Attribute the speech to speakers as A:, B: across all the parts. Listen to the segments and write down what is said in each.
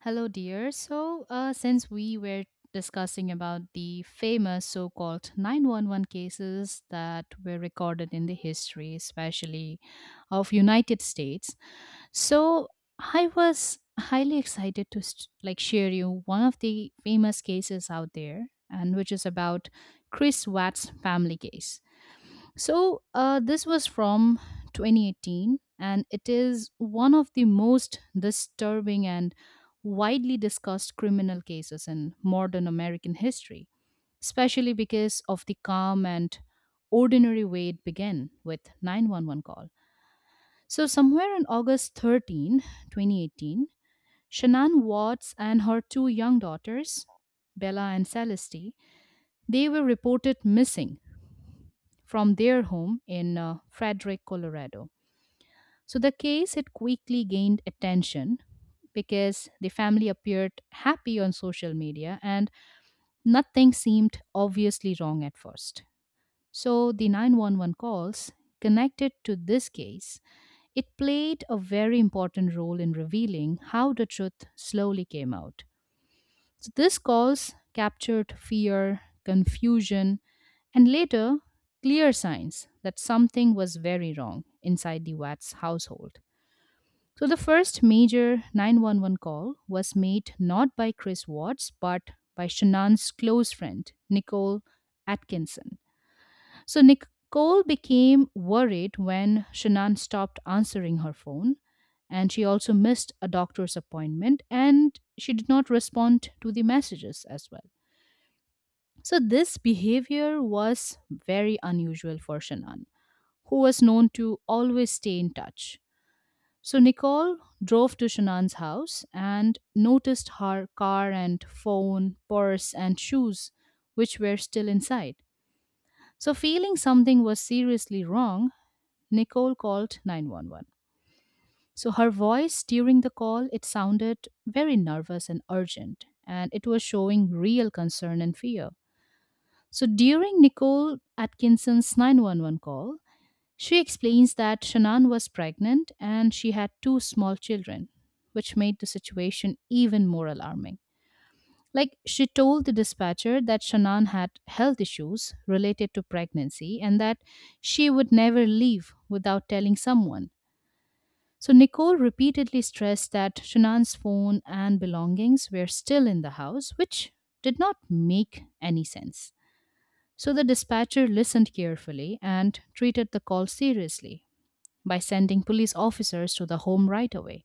A: Hello, dear. Since we were discussing about the famous so called 911 cases that were recorded in the history, especially of United States, so I was highly excited to share you one of the famous cases out there and which is about Chris Watt's family case. This was from 2018, and it is one of the most disturbing and widely discussed criminal cases in modern American history, especially because of the calm and ordinary way it began with 911 call. So, somewhere on August 13, 2018, Shannon Watts and her two young daughters, Bella and Celeste, they were reported missing from their home in Frederick, Colorado. So the case it quickly gained attention because the family appeared happy on social media and nothing seemed obviously wrong at first. So the 911 calls connected to this case, it played a very important role in revealing how the truth slowly came out. So these calls captured fear, confusion, and later clear signs that something was very wrong inside the Watts household. So the first major 911 call was made not by Chris Watts but by Shannon's close friend, Nicole Atkinson. So Nicole became worried when Shannon stopped answering her phone, and she also missed a doctor's appointment and she did not respond to the messages as well. So this behavior was very unusual for Shannon, who was known to always stay in touch. So Nicole drove to Shanann's house and noticed her car and phone, purse, and shoes, which were still inside. So, feeling something was seriously wrong, Nicole called 911. So, her voice during the call it sounded very nervous and urgent, and it was showing real concern and fear. So, during Nicole Atkinson's 911 call, she explains that Shannon was pregnant and she had two small children, which made the situation even more alarming. Like, she told the dispatcher that Shannon had health issues related to pregnancy and that she would never leave without telling someone. So, Nicole repeatedly stressed that Shanann's phone and belongings were still in the house, which did not make any sense. So the dispatcher listened carefully and treated the call seriously, by sending police officers to the home right away.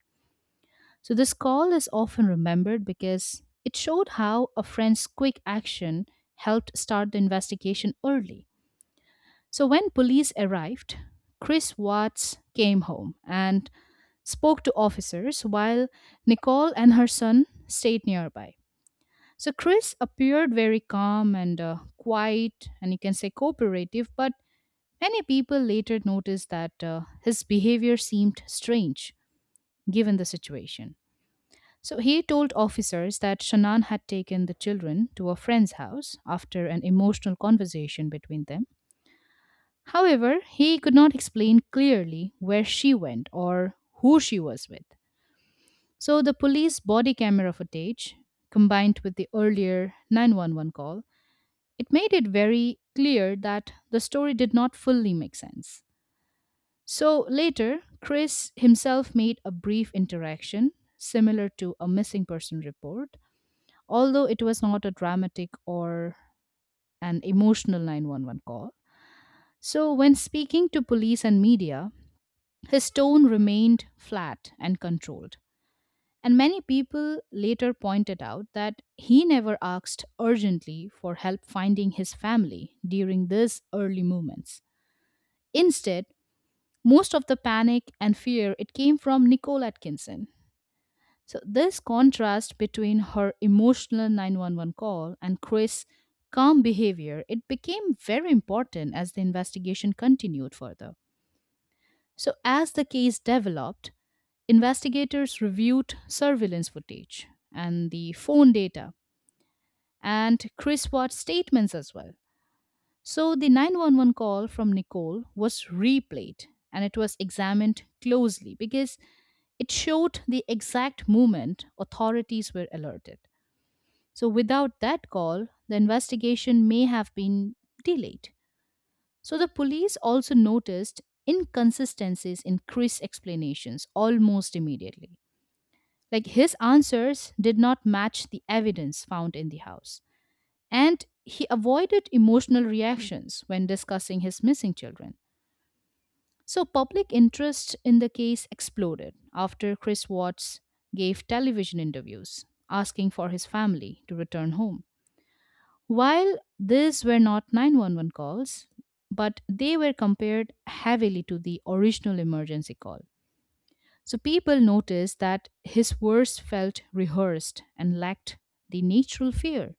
A: So, this call is often remembered because it showed how a friend's quick action helped start the investigation early. So, when police arrived, Chris Watts came home and spoke to officers while Nicole and her son stayed nearby. So, Chris appeared very calm and quiet, and you can say cooperative, but many people later noticed that his behavior seemed strange given the situation. So he told officers that Shannon had taken the children to a friend's house after an emotional conversation between them. However, he could not explain clearly where she went or who she was with. So the police body camera footage combined with the earlier 911 call, it made it very clear that the story did not fully make sense. So later, Chris himself made a brief interaction similar to a missing person report, although it was not a dramatic or an emotional 911 call. So, when speaking to police and media, his tone remained flat and controlled. And many people later pointed out that he never asked urgently for help finding his family during these early moments. Instead, most of the panic and fear it came from Nicole Atkinson. So, this contrast between her emotional 911 call and Chris' calm behavior, it became very important as the investigation continued further. So, as the case developed, investigators reviewed surveillance footage and the phone data and Chris Watt's statements as well. So, the 911 call from Nicole was replayed and it was examined closely because it showed the exact moment authorities were alerted. So, without that call, the investigation may have been delayed. So, the police also noticed inconsistencies in Chris' explanations almost immediately. Like, his answers did not match the evidence found in the house. And he avoided emotional reactions when discussing his missing children. So, public interest in the case exploded after Chris Watts gave television interviews asking for his family to return home. While these were not 911 calls, but they were compared heavily to the original emergency call. So people noticed that his words felt rehearsed and lacked the natural fear.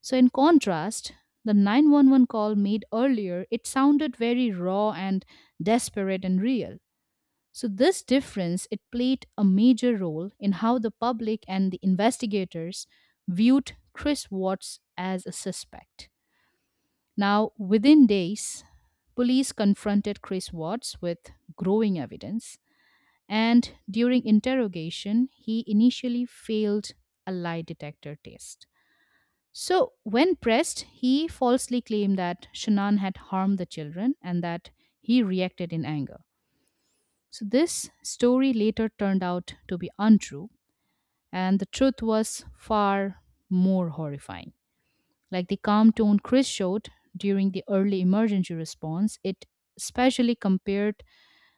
A: So, in contrast, the 911 call made earlier, it sounded very raw and desperate and real. So this difference it played a major role in how the public and the investigators viewed Chris Watts as a suspect. Now, within days, police confronted Chris Watts with growing evidence, and during interrogation, he initially failed a lie detector test. So, when pressed, he falsely claimed that Shannon had harmed the children and that he reacted in anger. So, this story later turned out to be untrue, and the truth was far more horrifying. Like, the calm tone Chris showed during the early emergency response, it especially compared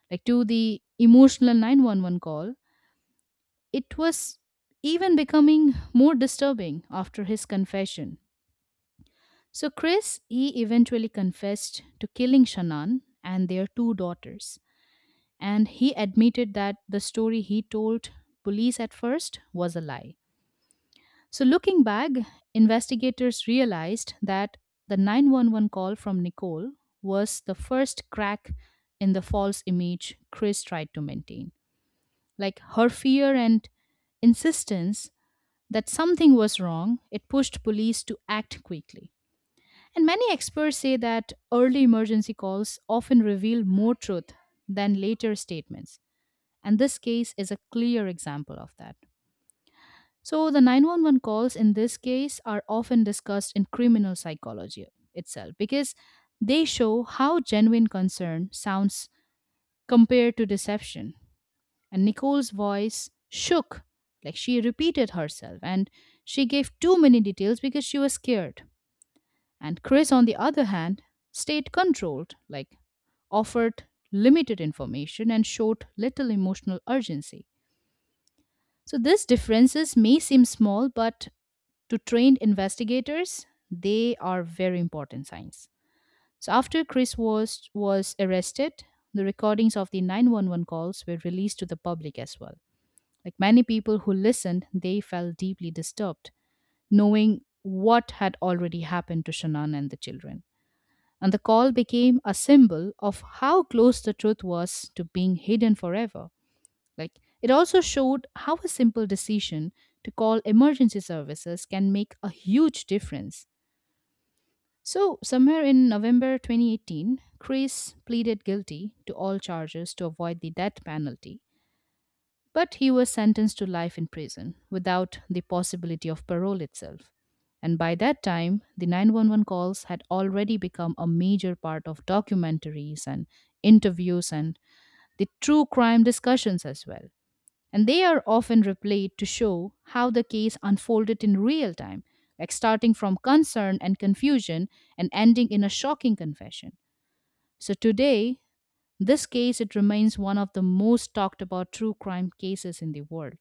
A: like to the emotional 911 call, it was even becoming more disturbing after his confession. So Chris, he eventually confessed to killing Shannon and their two daughters, and he admitted that the story he told police at first was a lie. So, looking back, investigators realized that the 911 call from Nicole was the first crack in the false image Chris tried to maintain. Like, her fear and insistence that something was wrong, it pushed police to act quickly. And many experts say that early emergency calls often reveal more truth than later statements. And this case is a clear example of that. So, the 911 calls in this case are often discussed in criminal psychology itself because they show how genuine concern sounds compared to deception. And Nicole's voice shook, like she repeated herself, and she gave too many details because she was scared. And Chris, on the other hand, stayed controlled, like offered limited information and showed little emotional urgency. So, these differences may seem small, but to trained investigators, they are very important signs. So after Chris was arrested, the recordings of the 911 calls were released to the public as well. Like, many people who listened, they felt deeply disturbed knowing what had already happened to Shannon and the children. And the call became a symbol of how close the truth was to being hidden forever. Like, it also showed how a simple decision to call emergency services can make a huge difference. So, somewhere in November 2018, Chris pleaded guilty to all charges to avoid the death penalty, but he was sentenced to life in prison without the possibility of parole itself. And by that time, the 911 calls had already become a major part of documentaries and interviews and the true crime discussions as well. And they are often replayed to show how the case unfolded in real time, like starting from concern and confusion and ending in a shocking confession. So today, this case it remains one of the most talked about true crime cases in the world.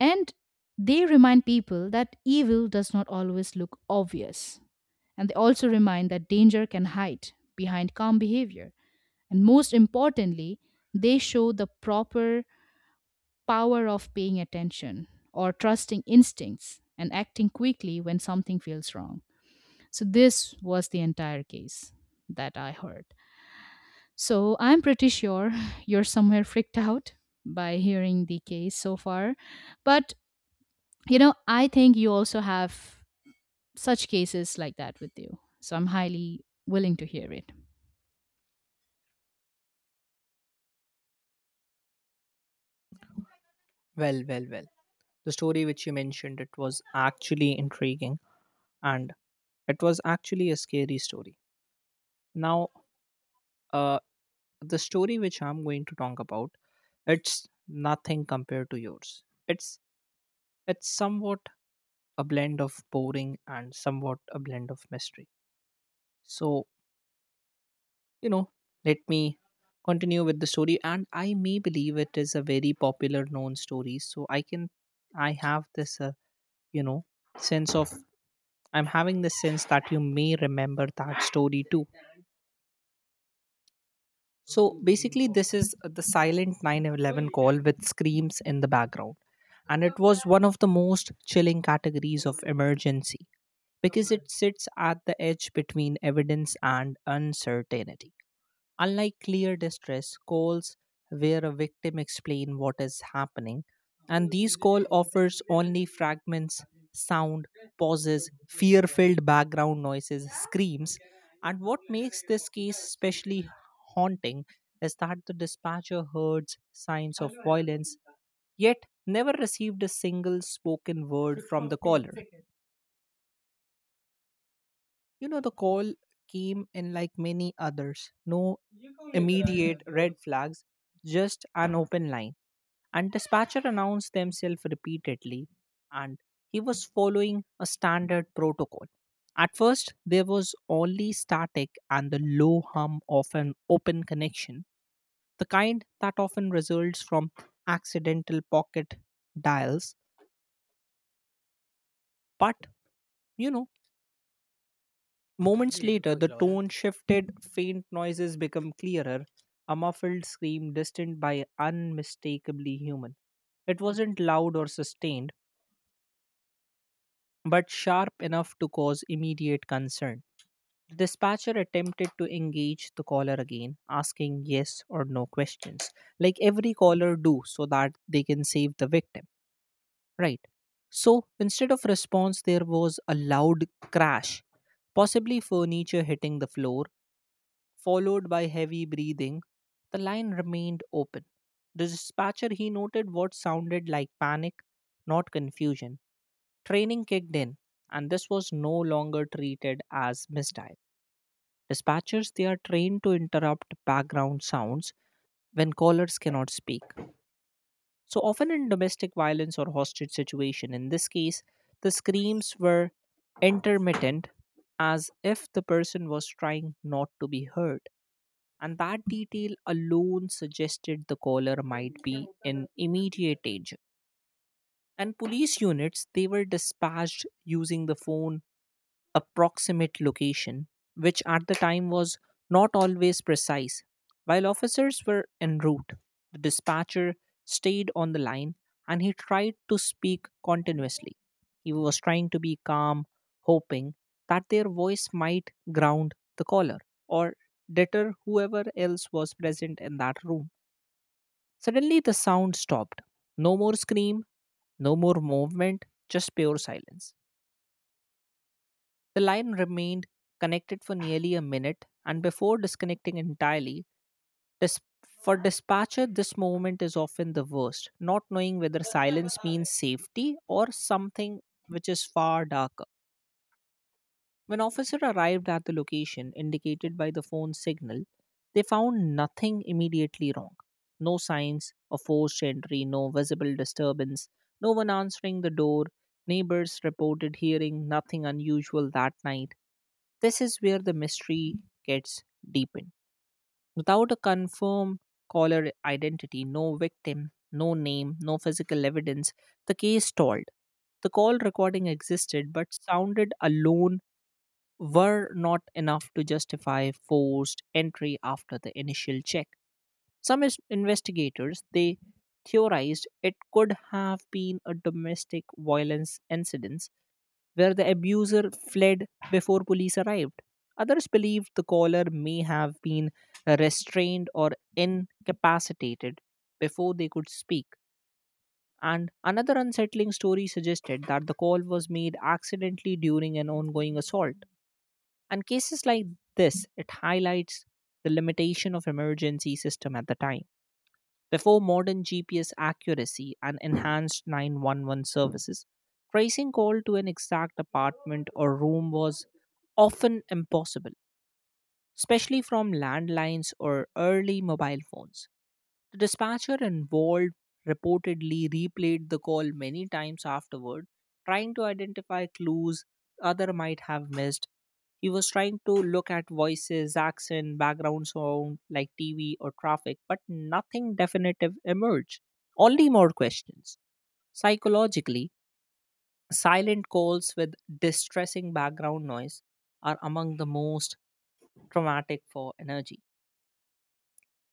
A: And they remind people that evil does not always look obvious. And they also remind that danger can hide behind calm behavior. And most importantly, they show the proper power of paying attention or trusting instincts and acting quickly when something feels wrong. So, this was the entire case that I heard. So, I'm pretty sure you're somewhere freaked out by hearing the case so far. But, you know, I think you also have such cases like that with you. So, I'm highly willing to hear it.
B: Well, well, well. The story which you mentioned, it was actually intriguing and it was actually a scary story. Now, uh, the story which I'm going to talk about, it's nothing compared to yours. It's somewhat a blend of boring and somewhat a blend of mystery. So, you know, Let me continue with the story, and I may believe it is a very popular known story. So I have this you know sense of I'm having the sense that you may remember that story too. So basically, this is the silent 911 call with screams in the background. And it was one of the most chilling categories of emergency because it sits at the edge between evidence and uncertainty. Unlike clear distress calls where a victim explain what is happening, and these call offers only fragments, sound, pauses, fear-filled background noises, screams, and what makes this case especially haunting is that the dispatcher heard signs of violence yet never received a single spoken word from the caller. You know, the call came in like many others. No immediate red flags, just an open line. And dispatcher announced themselves repeatedly, and he was following a standard protocol. At first, there was only static and the low hum of an open connection, the kind that often results from accidental pocket dials. But, you know, Moments later, the tone shifted, faint noises became clearer, a muffled scream, distant by unmistakably human. It wasn't loud or sustained, but sharp enough to cause immediate concern. The dispatcher attempted to engage the caller again, asking yes or no questions, like every caller do so that they can save the victim. Right. So instead of response, there was a loud crash, possibly furniture hitting the floor followed by heavy breathing, the line remained open. The dispatcher he noted what sounded like panic, not confusion. Training kicked in, and this was no longer treated as misdial. Dispatchers they are trained to interrupt background sounds when callers cannot speak. So often in domestic violence or hostage situation, in this case, the screams were intermittent as if the person was trying not to be heard, and that detail alone suggested the caller might be in immediate danger. And police units, they were dispatched using the phone approximate location, which at the time was not always precise. While officers were en route, the dispatcher stayed on the line and he tried to speak continuously. He was trying to be calm, hoping that their voice might ground the caller or deter whoever else was present in that room. Suddenly, the sound stopped. No more scream, no more movement, just pure silence. The line remained connected for nearly a minute, and before disconnecting entirely, dis- for dispatcher, this moment is often the worst, not knowing whether silence means safety or something which is far darker. When officer arrived at the location indicated by the phone signal, they found nothing immediately wrong. No signs of forced entry, no visible disturbance, no one answering the door. Neighbors reported hearing nothing unusual that night. This is where the mystery gets deepened. Without a confirmed caller identity, no victim, no name, no physical evidence, the case stalled. The call recording existed but sounded alone were not enough to justify forced entry after the initial check. Investigators they theorized it could have been a domestic violence incident where the abuser fled before police arrived. Others believed the caller may have been restrained or incapacitated before they could speak. And another unsettling story suggested that the call was made accidentally during an ongoing assault, and cases like this, it highlights the limitation of emergency system at the time. Before modern GPS accuracy and enhanced 911 services, tracing call to an exact apartment or room was often impossible, especially from landlines or early mobile phones. The dispatcher involved reportedly replayed the call many times afterward, trying to identify clues other might have missed. He was trying to look at voices, accent, background sound like TV or traffic, but nothing definitive emerged. Only more questions. Psychologically, silent calls with distressing background noise are among the most traumatic for energy.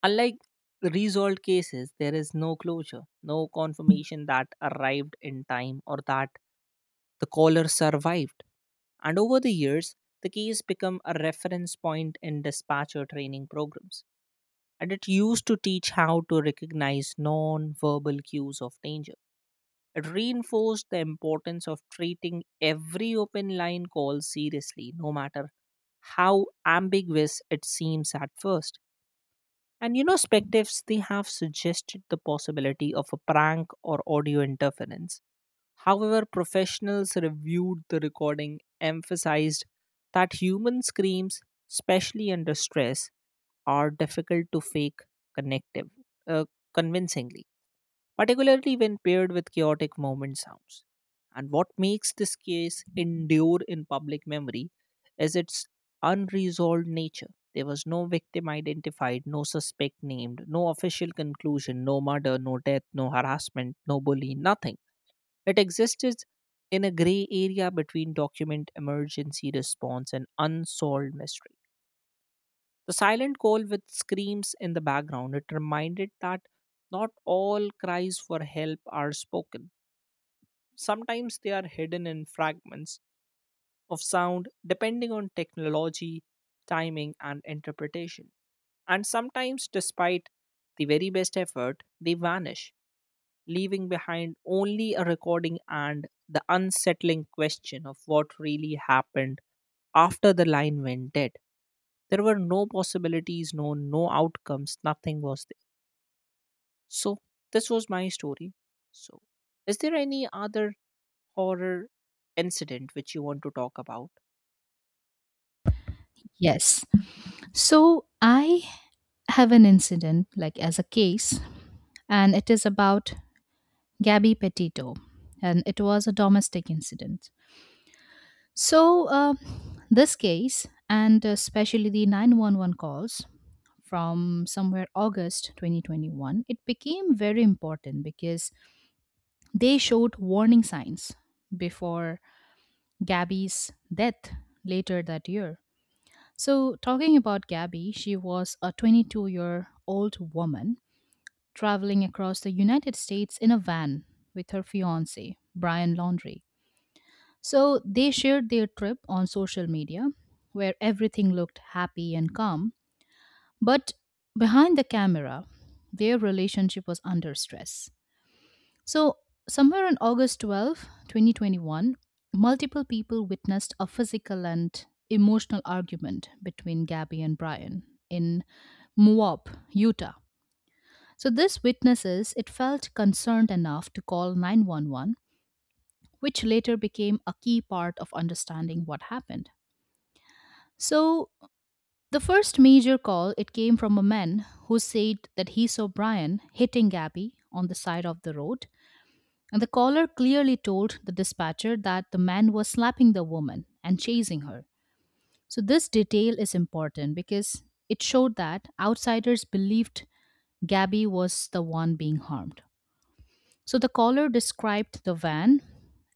B: Unlike resolved cases, there is no closure, no confirmation that arrived in time or that the caller survived. And over the years, the case become a reference point in dispatcher training programs. And it used to teach how to recognize non-verbal cues of danger. It reinforced the importance of treating every open line call seriously, no matter how ambiguous it seems at first. And you know, spectives they have suggested the possibility of a prank or audio interference. However, professionals reviewed the recording, emphasized that human screams, especially under stress, are difficult to fake connective, uh, convincingly particularly when paired with chaotic moment sounds. And what makes this case endure in public memory is its unresolved nature. There was no victim identified, no suspect named, no official conclusion, no murder, no death, no harassment, no bully, nothing. It existed in a gray area between document emergency response and unsolved mystery. The silent call with screams in the background, it reminded that not all cries for help are spoken. Sometimes they are hidden in fragments of sound depending on technology, timing, and interpretation. And sometimes, despite the very best effort, they vanish, leaving behind only a recording and the unsettling question of what really happened after the line went dead. There were no possibilities, no outcomes, nothing was. So this was my story. So is there any other horror incident which you want to talk about?
A: Yes. So, I have an incident, like as a case, and it is about Gabby Petito, and it was a domestic incident. So, uh, this case, and especially the 911 calls from somewhere August 2021, it became very important because they showed warning signs before Gabby's death later that year. So, talking about Gabby, she was a 22-year-old year old woman traveling across the United States in a van with her fiance, Brian Laundry. So they shared their trip on social media, where everything looked happy and calm. But behind the camera, their relationship was under stress. So, somewhere on August 12, 2021, multiple people witnessed a physical and emotional argument between Gabby and Brian in Moab, Utah. So, this witnesses it felt concerned enough to call 911, which later became a key part of understanding what happened. So, the first major call it came from a man who said that he saw Brian hitting Gabby on the side of the road, and the caller clearly told the dispatcher that the man was slapping the woman and chasing her. So, this detail is important because it showed that outsiders believed Gabby was the one being harmed. So, the caller described the van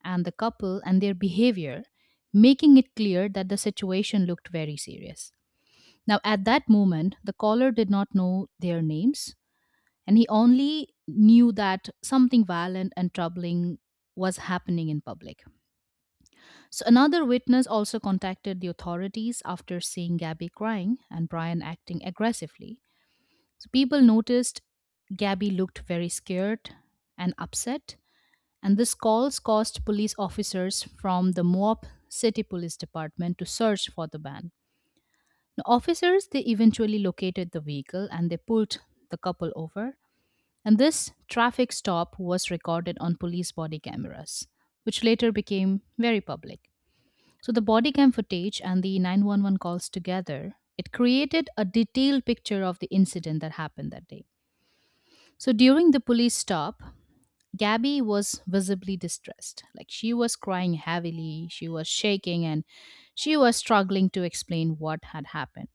A: and the couple and their behavior, making it clear that the situation looked very serious. Now, at that moment, the caller did not know their names, and he only knew that something violent and troubling was happening in public. So, another witness also contacted the authorities after seeing Gabby crying and Brian acting aggressively. So, people noticed Gabby looked very scared and upset, and this calls caused police officers from the Moab City Police Department to search for the van. The officers they eventually located the vehicle and they pulled the couple over. And this traffic stop was recorded on police body cameras, which later became very public. So the body cam footage and the 911 calls together, it created a detailed picture of the incident that happened that day. So during the police stop, Gabby was visibly distressed. Like she was crying heavily, she was shaking, and she was struggling to explain what had happened.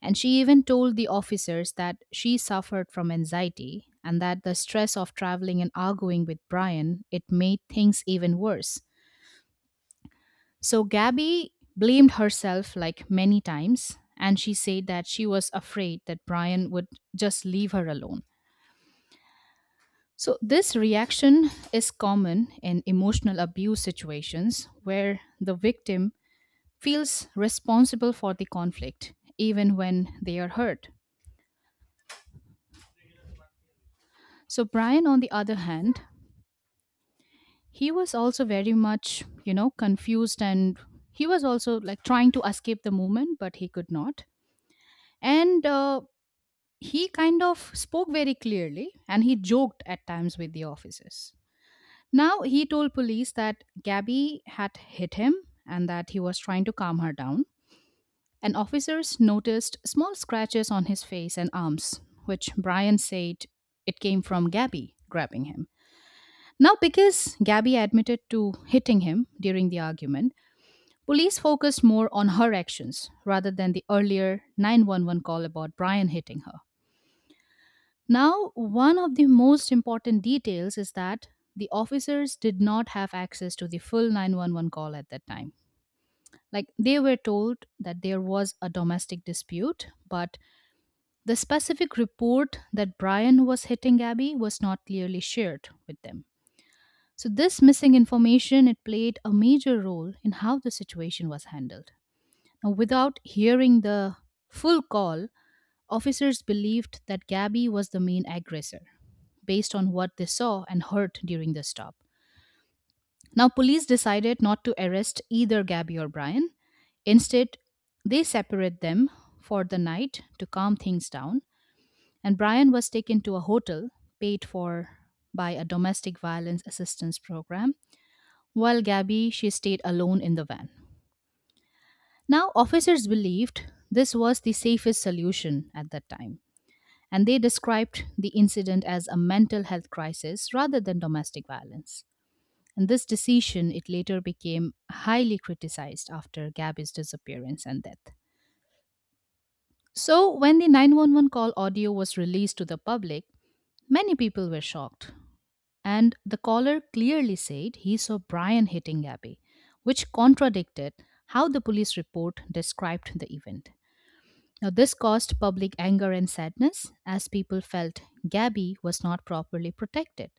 A: And she even told the officers that she suffered from anxiety and that the stress of traveling and arguing with Brian, it made things even worse. So Gabby blamed herself like many times and she said that she was afraid that Brian would just leave her alone. So this reaction is common in emotional abuse situations where the victim feels responsible for the conflict even when they are hurt. So Brian, on the other hand, he was also very much, you know, confused, and he was also like trying to escape the movement, but he could not, and he kind of spoke very clearly and he joked at times with the officers. Now he told police that Gabby had hit him and that he was trying to calm her down, and officers noticed small scratches on his face and arms, which Brian said it came from Gabby grabbing him. Now, because Gabby admitted to hitting him during the argument, police focused more on her actions rather than the earlier 911 call about Brian hitting her. Now, one of the most important details is that the officers did not have access to the full 911 call at that time. Like, they were told that there was a domestic dispute, but the specific report that Brian was hitting Abby was not clearly shared with them. So this missing information it played a major role in how the situation was handled. Now, without hearing the full call, officers believed that Gabby was the main aggressor, based on what they saw and heard during the stop. Now, police decided not to arrest either Gabby or Brian. Instead, they separate them for the night to calm things down, and Brian was taken to a hotel paid for by a domestic violence assistance program, while Gabby she stayed alone in the van. Now, officers believed this was the safest solution at that time, and they described the incident as a mental health crisis rather than domestic violence. And this decision, it later became highly criticized after Gabby's disappearance and death. So, when the 911 call audio was released to the public, many people were shocked. And the caller clearly said he saw Brian hitting Gabby, which contradicted how the police report described the event. Now, this caused public anger and sadness as people felt Gabby was not properly protected.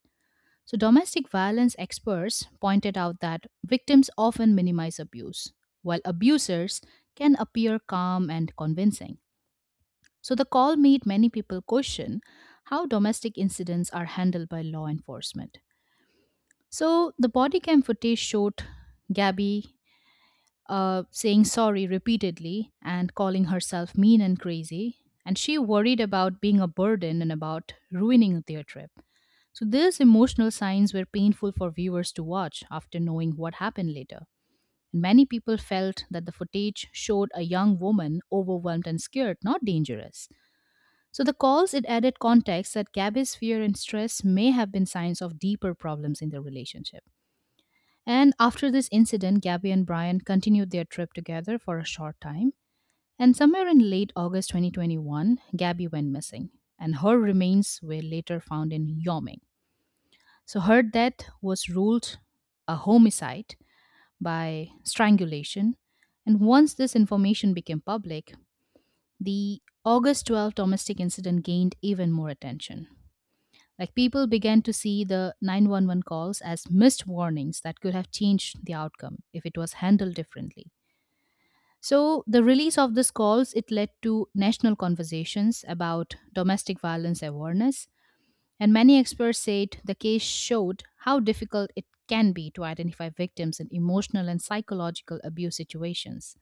A: So, domestic violence experts pointed out that victims often minimize abuse, while abusers can appear calm and convincing. So, the call made many people question how domestic incidents are handled by law enforcement. So, the body cam footage showed Gabby saying sorry repeatedly and calling herself mean and crazy. And she worried about being a burden and about ruining their trip. So, these emotional signs were painful for viewers to watch after knowing what happened later. Many people felt that the footage showed a young woman overwhelmed and scared, not dangerous. So, the calls it added context that Gabby's fear and stress may have been signs of deeper problems in their relationship. And after this incident, Gabby and Brian continued their trip together for a short time. And somewhere in late August 2021, Gabby went missing, and her remains were later found in Yoming. So her death was ruled a homicide by strangulation. And once this information became public, the August 12 domestic incident gained even more attention. Like people began to see the 911 calls as missed warnings that could have changed the outcome if it was handled differently. So the release of these calls it led to national conversations about domestic violence awareness, and many experts said the case showed how difficult it can be to identify victims in emotional and psychological abuse situations.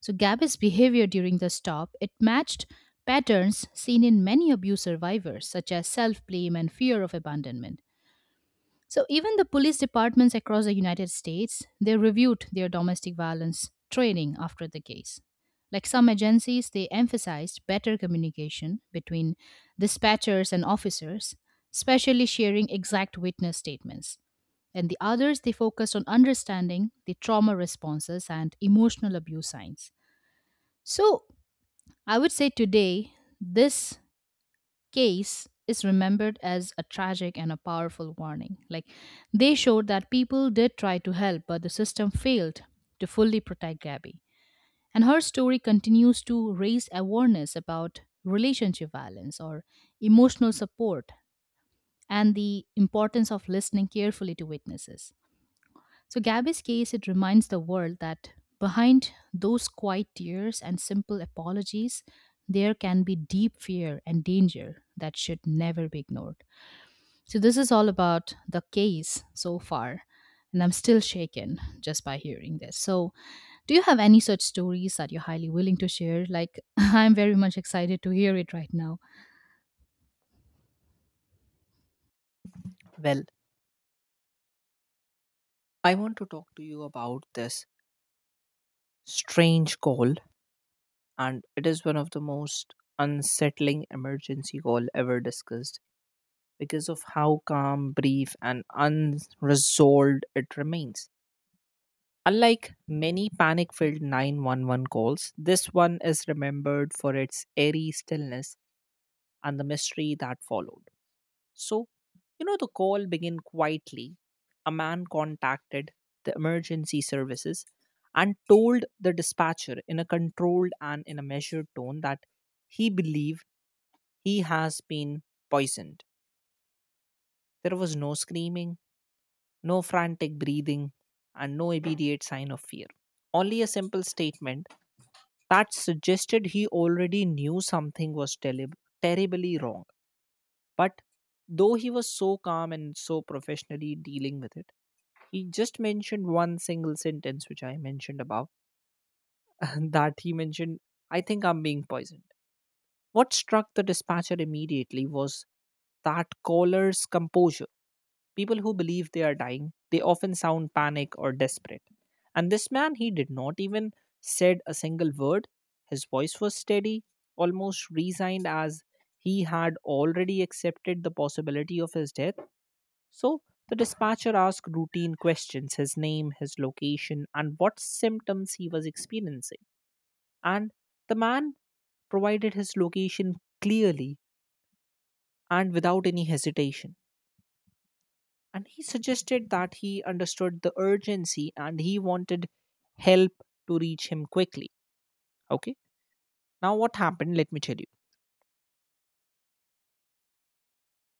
A: So Gabby's behavior during the stop it matched patterns seen in many abuse survivors such as self-blame and fear of abandonment. So even the police departments across the United States, they reviewed their domestic violence training after the case. Like some agencies, they emphasized better communication between dispatchers and officers, especially sharing exact witness statements. And the others, they focused on understanding the trauma responses and emotional abuse signs. So I would say today, this case is remembered as a tragic and a powerful warning. Like they showed that people did try to help, but the system failed to fully protect Gabby. And her story continues to raise awareness about relationship violence or emotional support and the importance of listening carefully to witnesses. So, Gabby's case, it reminds the world that behind those quiet tears and simple apologies, there can be deep fear and danger that should never be ignored. So, this is all about the case so far, and I'm still shaken just by hearing this. So, do you have any such stories that you're highly willing to share? Like, I'm very much excited to hear it right now.
B: Well, I want to talk to you about this strange call, and it is one of the most unsettling emergency call ever discussed because of how calm, brief and unresolved it remains. Unlike many panic filled 911 calls, this one is remembered for its eerie stillness and the mystery that followed. So, you know, the call began quietly. A man contacted the emergency services and told the dispatcher in a controlled and in a measured tone that he believed he has been poisoned. There was no screaming, no frantic breathing, and no immediate sign of fear. Only a simple statement that suggested he already knew something was terribly wrong. But though he was so calm and so professionally dealing with it, he just mentioned one single sentence which I mentioned above and that he mentioned, I think I'm being poisoned. What struck the dispatcher immediately was that caller's composure. People who believe they are dying they often sound panic or desperate, and this man he did not even said a single word. His voice was steady, almost resigned as he had already accepted the possibility of his death. So the dispatcher asked routine questions, his name, his location, and what symptoms he was experiencing. And the man provided his location clearly and without any hesitation. And he suggested that he understood the urgency and he wanted help to reach him quickly. Okay. Now, what happened? Let me tell you.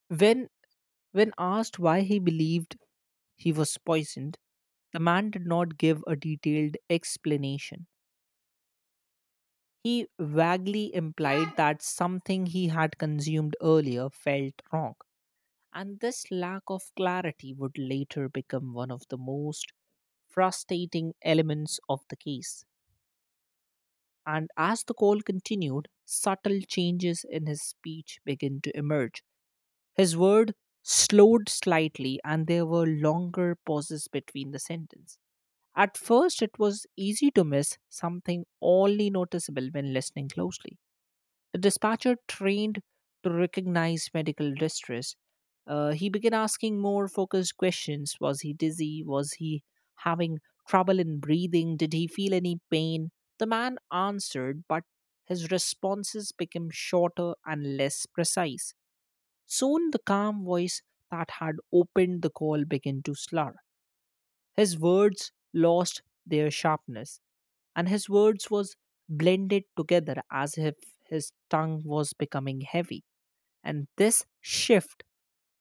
B: When when asked why he believed he was poisoned, the man did not give a detailed explanation. He vaguely implied that something he had consumed earlier felt wrong, and this lack of clarity would later become one of the most frustrating elements of the case. And as the call continued, subtle changes in his speech began to emerge. His word slowed slightly, and there were longer pauses between the sentences. At first, it was easy to miss, something only noticeable when listening closely. The dispatcher trained to recognize medical distress. He began asking more focused questions. Was he dizzy? Was he having trouble in breathing? Did he feel any pain? The man answered, but his responses became shorter and less precise. Soon, the calm voice that had opened the call began to slur. His words lost their sharpness, and his words was blended together as if his tongue was becoming heavy, and this shift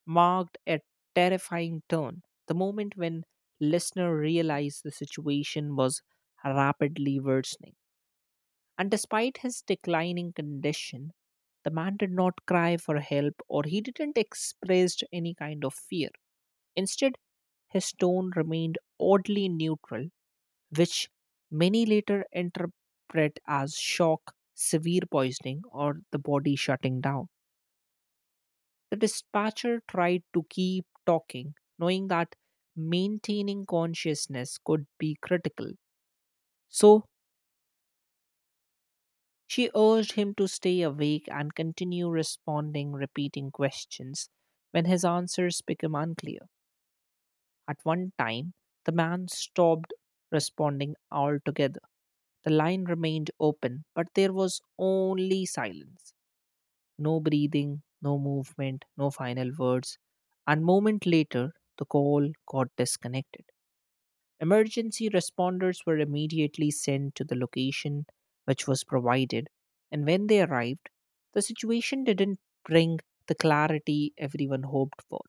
B: marked a terrifying turn, the moment when listener realized the situation was rapidly worsening. And despite his declining condition, the man did not cry for help or he didn't express any kind of fear. Instead, his tone remained oddly neutral, which many later interpret as shock, severe poisoning, or the body shutting down. The dispatcher tried to keep talking, knowing that maintaining consciousness could be critical. So she urged him to stay awake and continue responding, repeating questions when his answers become unclear. At one time, the man stopped responding altogether. The line remained open, but there was only silence. No breathing, no movement, no final words. And moment later, the call got disconnected. Emergency responders were immediately sent to the location which was provided, and when they arrived, the situation didn't bring the clarity everyone hoped for.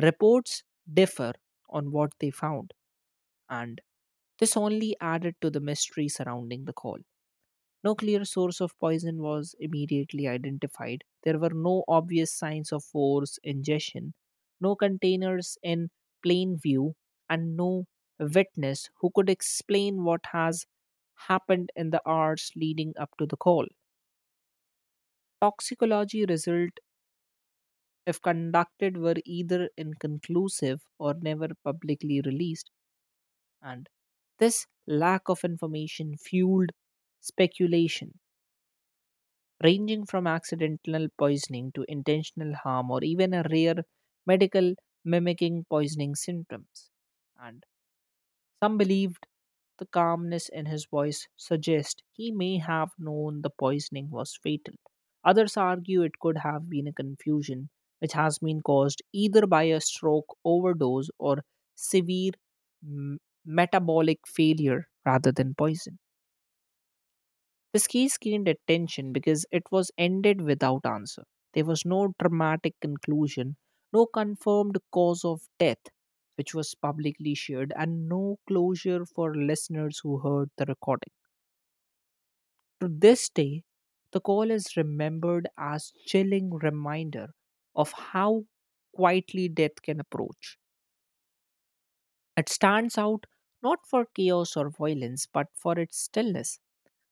B: Reports differ on what they found, and this only added to the mystery surrounding the call. No clear source of poison was immediately identified. There were no obvious signs of force ingestion, no containers in plain view, and no witness who could explain what has happened in the hours leading up to the call. Toxicology results, if conducted, were either inconclusive or never publicly released. And this lack of information fueled speculation, ranging from accidental poisoning to intentional harm or even a rare medical mimicking poisoning symptoms. And some believed the calmness in his voice suggests he may have known the poisoning was fatal. Others argue it could have been a confusion which has been caused either by a stroke overdose or severe m- metabolic failure rather than poison. Pesquise gained attention because it was ended without answer. There was no dramatic conclusion, no confirmed cause of death, which was publicly shared, and no closure for listeners who heard the recording. To this day, the call is remembered as chilling reminder of how quietly death can approach. It stands out not for chaos or violence, but for its stillness.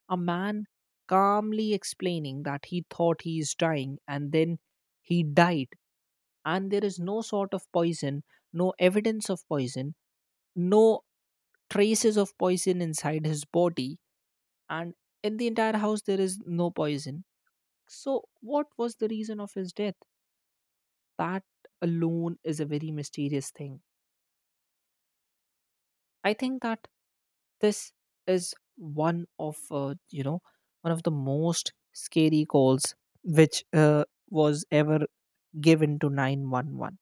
B: A man calmly explaining that he thought he is dying and then he died, and there is no sort of poison, no evidence of poison, no traces of poison inside his body, and in the entire house there is no poison. So, what was the reason of his death? That alone is a very mysterious thing. I think that this is one of one of the most scary calls which was ever given to 911.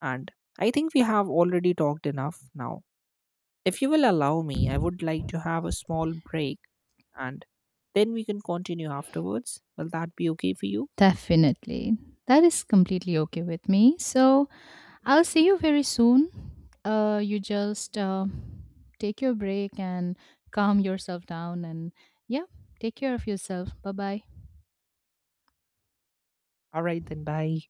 B: And I think we have already talked enough now. If you will allow me, I would like to have a small break and then we can continue afterwards. Will that be okay for you?
A: Definitely. That is completely okay with me. So, I'll see you very soon. You just take your break and calm yourself down, and yeah, take care of yourself. Bye bye.
B: All right, then bye.